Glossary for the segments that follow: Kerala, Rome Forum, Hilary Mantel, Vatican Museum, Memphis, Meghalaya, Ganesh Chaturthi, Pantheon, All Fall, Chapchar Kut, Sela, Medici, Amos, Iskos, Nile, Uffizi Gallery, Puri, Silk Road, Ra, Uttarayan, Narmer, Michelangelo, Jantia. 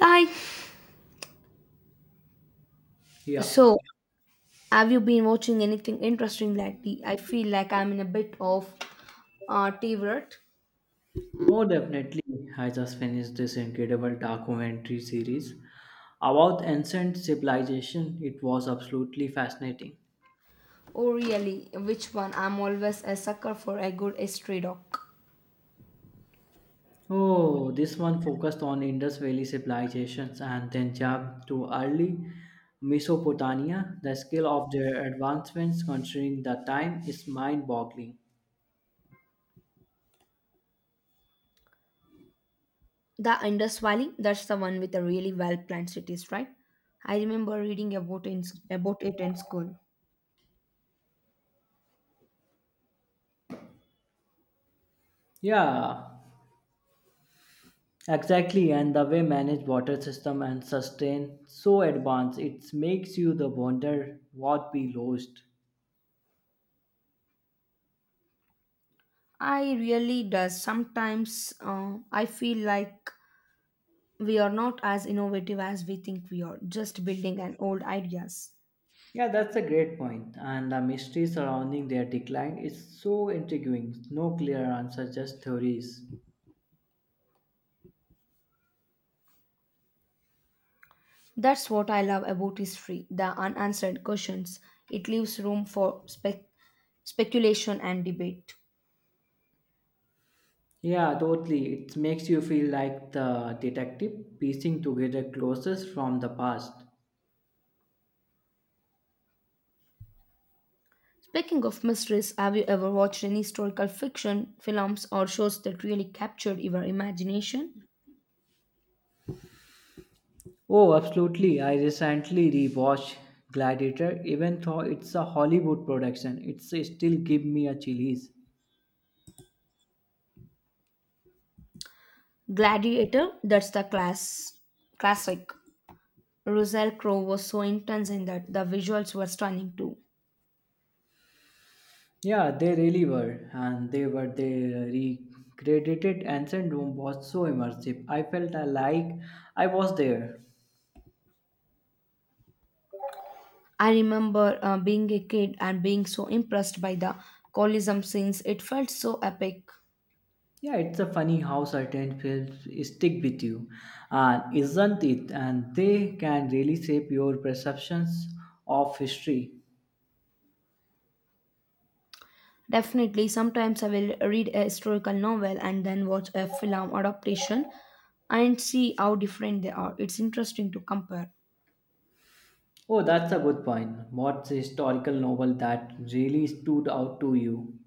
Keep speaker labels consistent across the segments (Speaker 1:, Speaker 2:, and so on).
Speaker 1: Hi.
Speaker 2: Yeah.
Speaker 1: So, have you been watching anything interesting lately? I feel like I'm in a bit of tea rut.
Speaker 2: Oh, definitely. I just finished this incredible documentary series about ancient civilization. It was absolutely fascinating.
Speaker 1: Oh, really? Which one? I'm always a sucker for a good history doc.
Speaker 2: Oh, this one focused on Indus Valley civilizations and then jumped to early Mesopotamia. The scale of their advancements considering the time is mind-boggling.
Speaker 1: The Indus Valley. That's the one with the really well-planned cities, right? I remember about it in school.
Speaker 2: Yeah, exactly. And the way manage water system and sustain so advanced, it makes you the wonder what we lost.
Speaker 1: I really does. Sometimes I feel like we are not as innovative as we think we are, just building on old ideas.
Speaker 2: Yeah, that's a great point. And the mystery surrounding their decline is so intriguing. No clear answer, just theories.
Speaker 1: That's what I love about history the unanswered questions. It leaves room for speculation and debate.
Speaker 2: Yeah, totally. It makes you feel like the detective piecing together clues from the past.
Speaker 1: Speaking of mysteries, have you ever watched any historical fiction, films, or shows that really captured your imagination?
Speaker 2: Oh, absolutely. I recently rewatched Gladiator. Even though it's a Hollywood production, it's still give me a chillies.
Speaker 1: Gladiator, that's the classic. Russell Crowe was so intense in that the visuals were stunning too.
Speaker 2: Yeah, they really were, and they recreated ancient Rome was so immersive. I felt I like I was there.
Speaker 1: I remember being a kid and being so impressed by the Colosseum scenes. It felt so epic.
Speaker 2: Yeah, it's a funny how certain films stick with you, and isn't it? And they can really shape your perceptions of history.
Speaker 1: Definitely, sometimes I will read a historical novel and then watch a film adaptation and see how different they are. It's interesting to compare.
Speaker 2: Oh, that's a good point. What's a historical novel that really stood out to you?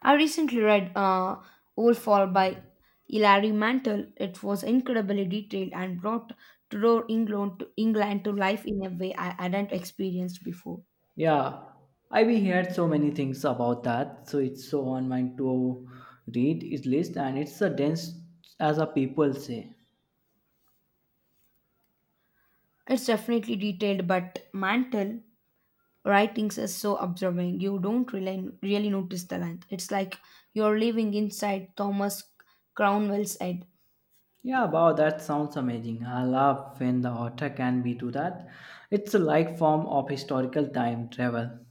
Speaker 1: I recently read All Fall by Hilary Mantel. It was incredibly detailed and brought Tudor England to life in a way I hadn't experienced before.
Speaker 2: Yeah, I've heard so many things about that, so it's so on my to read its list, and it's a dense as a people say.
Speaker 1: It's definitely detailed, but Mantel Writings is so observing. You don't really notice the length. It's like you're living inside Thomas Cromwell's head.
Speaker 2: Yeah, wow, that sounds amazing. I love when the author can be do that. It's a like form of historical time travel.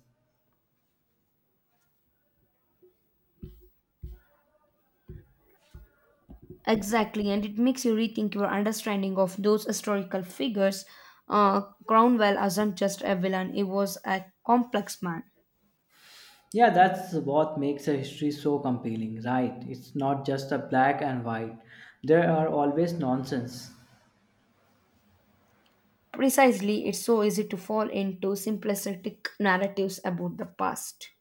Speaker 1: Exactly, and it makes you rethink your understanding of those historical figures. Uh, Cromwell wasn't just a villain, he was a complex man.
Speaker 2: Yeah, that's what makes a history so compelling, right? It's not just a black and white. There are always nonsense.
Speaker 1: Precisely, it's so easy to fall into simplistic narratives about the past.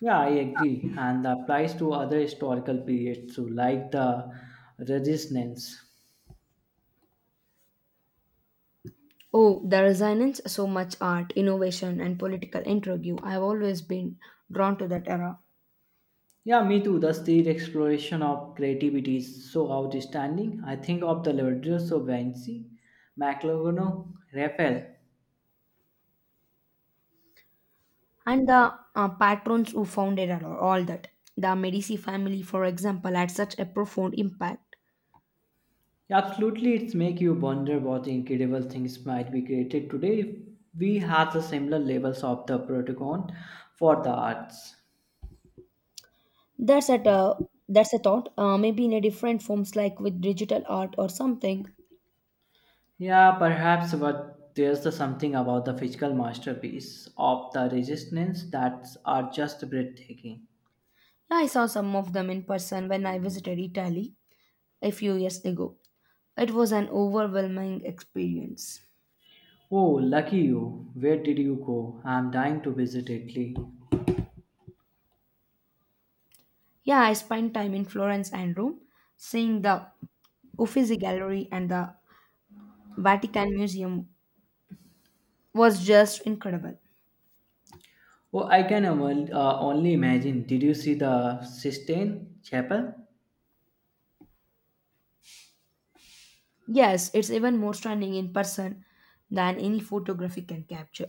Speaker 2: Yeah, I agree, and that applies to other historical periods too, like the Resistance.
Speaker 1: Oh, the resonance, so much art, innovation, and political intrigue. I've always been drawn to that era.
Speaker 2: Yeah, me too. The state exploration of creativity is so outstanding. I think of the Liberty of Vinci, McLaughlin, Raphael.
Speaker 1: And the patrons who founded all that. The Medici family, for example, had such a profound impact.
Speaker 2: Absolutely, it's make you wonder what incredible things might be created today if we had the similar levels of the protocol for the arts.
Speaker 1: That's at a uh, that's a thought. Maybe in a different forms, like with digital art or something.
Speaker 2: Yeah, perhaps, but there's the something about the physical masterpiece of the resistance that are just breathtaking.
Speaker 1: Yeah, I saw some of them in person when I visited Italy a few years ago. It was an overwhelming experience.
Speaker 2: Oh, lucky you! Where did you go? I'm dying to visit Italy.
Speaker 1: Yeah, I spent time in Florence and Rome, seeing the Uffizi Gallery and the Vatican Museum was just incredible.
Speaker 2: Oh, I can only, only imagine. Did you see the Sistine Chapel?
Speaker 1: Yes, it's even more stunning in person than any photography can capture.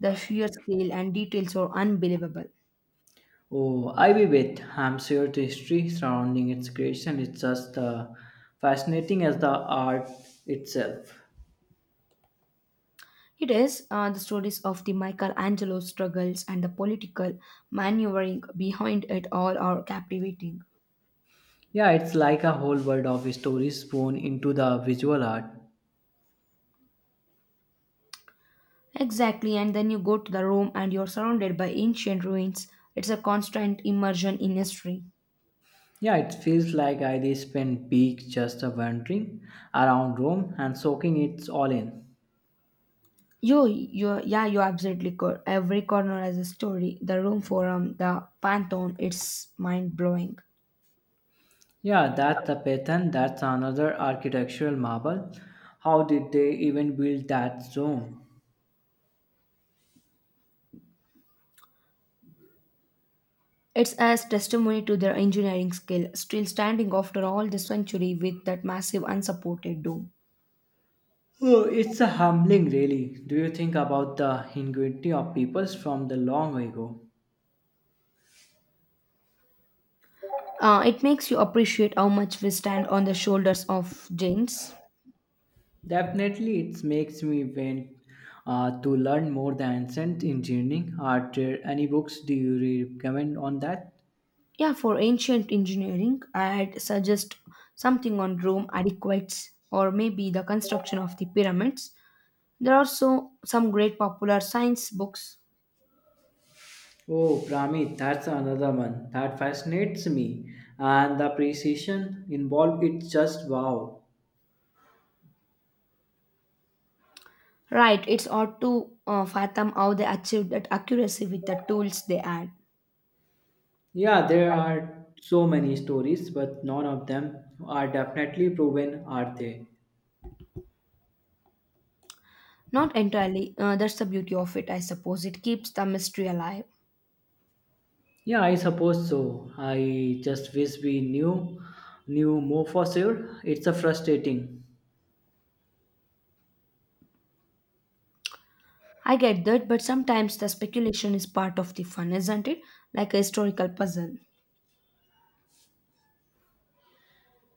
Speaker 1: The sheer scale and details are unbelievable.
Speaker 2: Oh, Ivy Beth, I'm sure the history surrounding its creation it's just fascinating as the art itself.
Speaker 1: It is, the stories of the Michelangelo struggles and the political maneuvering behind it all are captivating.
Speaker 2: Yeah, it's like a whole world of stories thrown into the visual art.
Speaker 1: Exactly, and then you go to the Rome and you're surrounded by ancient ruins. It's a constant immersion in history.
Speaker 2: Yeah, it feels like I did spend weeks just wandering around Rome and soaking it all in.
Speaker 1: Yeah, you absolutely could. Every corner has a story. The Rome Forum, the Pantheon, it's mind blowing.
Speaker 2: Yeah, that's the pattern, that's another architectural marvel. How did they even build that dome?
Speaker 1: It's as testimony to their engineering skill, still standing after all this century with that massive unsupported dome.
Speaker 2: Oh, it's a humbling, really. Do you think about the ingenuity of peoples from the long ago?
Speaker 1: It makes you appreciate how much we stand on the shoulders of giants.
Speaker 2: Definitely, it makes me want to learn more the ancient engineering art. There any books do you recommend on that?
Speaker 1: Yeah, for ancient engineering, I'd suggest something on Rome adequates or maybe the construction of the pyramids. There are so some great popular science books.
Speaker 2: Oh, Pramit, that's another one that fascinates me, and the precision involved. It's just wow.
Speaker 1: Right, it's hard to fathom how they achieved that accuracy with the tools they had.
Speaker 2: Yeah, there are so many stories, but none of them are definitely proven, are they?
Speaker 1: Not entirely. That's the beauty of it, I suppose. It keeps the mystery alive.
Speaker 2: Yeah, I suppose so. I just wish we knew more for sure. It's a frustrating.
Speaker 1: I get that, but sometimes the speculation is part of the fun, isn't it? Like a historical puzzle.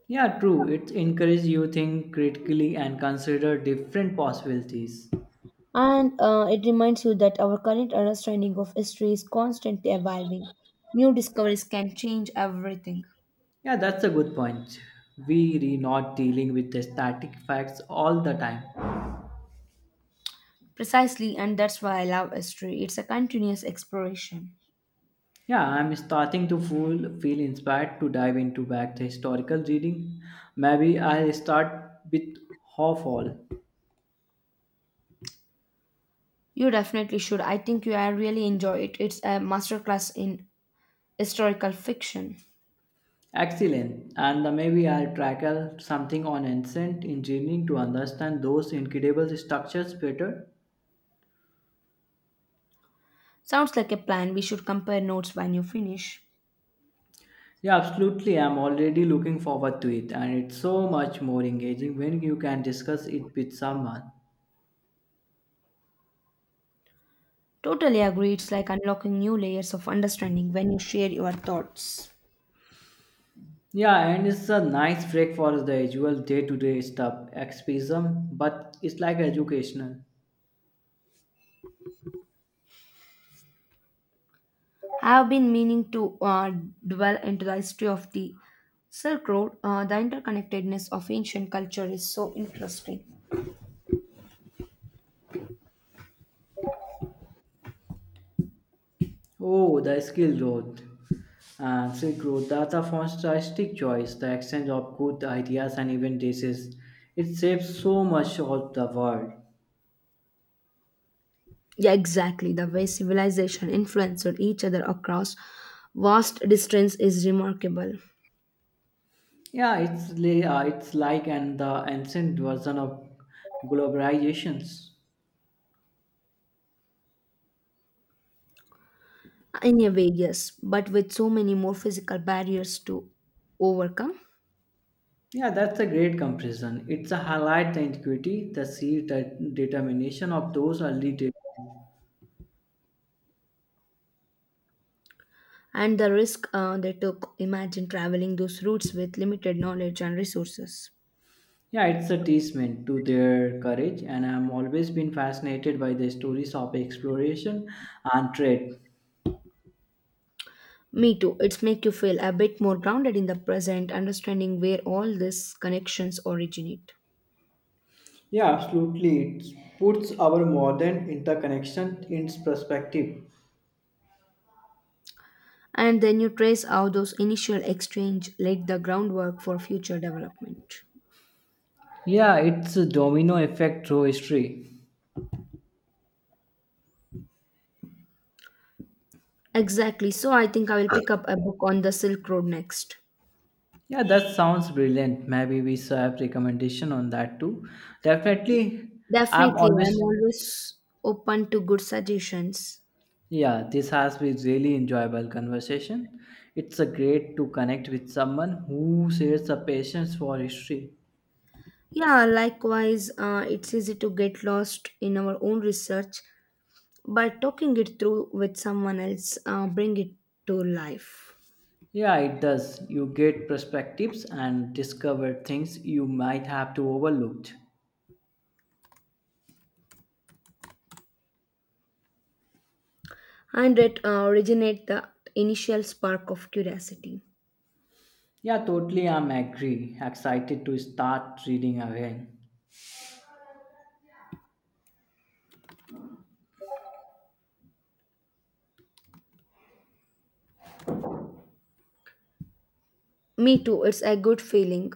Speaker 2: Yeah, true. It encourages you think critically and consider different possibilities.
Speaker 1: And it reminds you that our current understanding of history is constantly evolving. New discoveries can change everything.
Speaker 2: Yeah, that's a good point. We are not dealing with the static facts all the time.
Speaker 1: Precisely, and that's why I love history. It's a continuous exploration.
Speaker 2: Yeah, I'm starting to feel inspired to dive into back the historical reading. Maybe I'll start with half all.
Speaker 1: You definitely should. I think you will really enjoy it. It's a masterclass in historical fiction.
Speaker 2: Excellent. And the maybe I'll tackle something on ancient engineering to understand those incredible structures better.
Speaker 1: Sounds like a plan. We should compare notes when you finish.
Speaker 2: Yeah, absolutely. I'm already looking forward to it, and it's so much more engaging when you can discuss it with someone.
Speaker 1: Totally agree. It's like unlocking new layers of understanding when you share your thoughts.
Speaker 2: Yeah, and it's a nice break for the usual day-to-day stuff, escapism, but it's like educational.
Speaker 1: I have been meaning to dwell into the history of the Silk Road. The interconnectedness of ancient culture is so interesting.
Speaker 2: Oh, the skill growth and silk growth, that's a fantastic choice. The exchange of good ideas and even dishes. It saves so much of the world.
Speaker 1: Yeah, exactly. The way civilization influenced each other across vast distance is remarkable.
Speaker 2: Yeah, it's like and the ancient version of globalizations.
Speaker 1: In a way, yes, but with so many more physical barriers to overcome.
Speaker 2: Yeah, that's a great comparison. It's a highlight the antiquity, the sheer determination of those early days.
Speaker 1: And the risk, they took imagine traveling those routes with limited knowledge and resources.
Speaker 2: Yeah, it's a testament to their courage, and I'm always been fascinated by the stories of exploration and trade.
Speaker 1: Me too, it's make you feel a bit more grounded in the present understanding where all these connections originate.
Speaker 2: Yeah, absolutely. It puts our modern interconnection into perspective.
Speaker 1: And then you trace how those initial exchange laid the groundwork for future development.
Speaker 2: Yeah, it's a domino effect through history.
Speaker 1: Exactly, so I think I will pick up a book on the Silk Road next.
Speaker 2: Yeah, that sounds brilliant. Maybe we should have recommendation on that too. Definitely, I'm
Speaker 1: Definitely, I'm
Speaker 2: always
Speaker 1: always open to good suggestions.
Speaker 2: yeah. This has been really enjoyable conversation. It's a great to connect with someone who shares a passion for history.
Speaker 1: Yeah, likewise, it's easy to get lost in our own research, but talking it through with someone else bring it to life.
Speaker 2: Yeah, it does. You get perspectives and discover things you might have to overlooked.
Speaker 1: And it, originate the initial spark of curiosity.
Speaker 2: Yeah, totally. I'm agree. Excited to start reading again.
Speaker 1: Me too, it's a good feeling.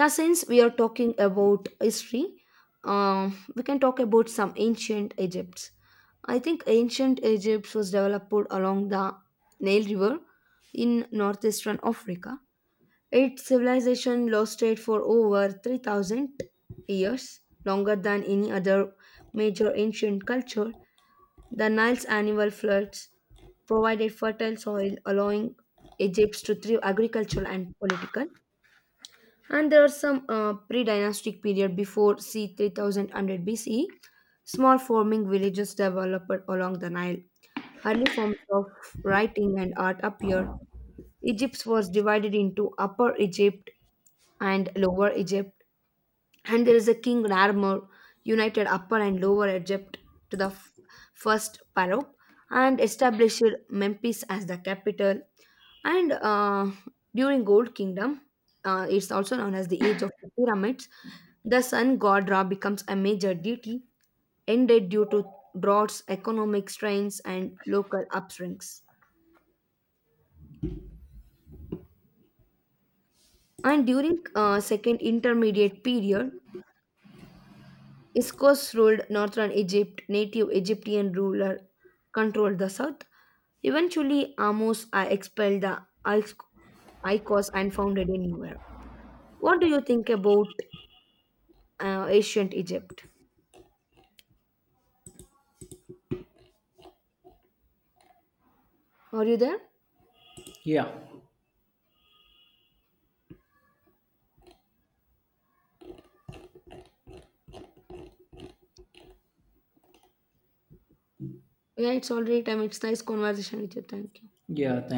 Speaker 1: Yeah, since we are talking about history, uh, we can talk about some ancient Egypt. I think ancient Egypt was developed along the Nile River in northeastern Africa. Its civilization lasted for over 3,000 years, longer than any other major ancient culture. The Nile's annual floods provided fertile soil, allowing Egypt to thrive agricultural and political. And there are some, pre-dynastic period before c. 3000 BCE. Small farming villages developed along the Nile. Early forms of writing and art appeared. Egypt was divided into Upper Egypt and Lower Egypt, and there is a king Narmer united Upper and Lower Egypt to the first Pharaoh and established Memphis as the capital. And during Gold Kingdom, it's also known as the Age of the Pyramids. The sun god Ra becomes a major deity, ended due to droughts, economic strains, and local upswings. And during second intermediate period, Iskos ruled northern Egypt, native Egyptian ruler controlled the south. Eventually, Amos expelled the Ikos and founded a new era. What do you think about ancient Egypt? Are you there?
Speaker 2: Yeah,
Speaker 1: Yeah, it's already time. It's nice conversation with you. Thank you.
Speaker 2: yeah.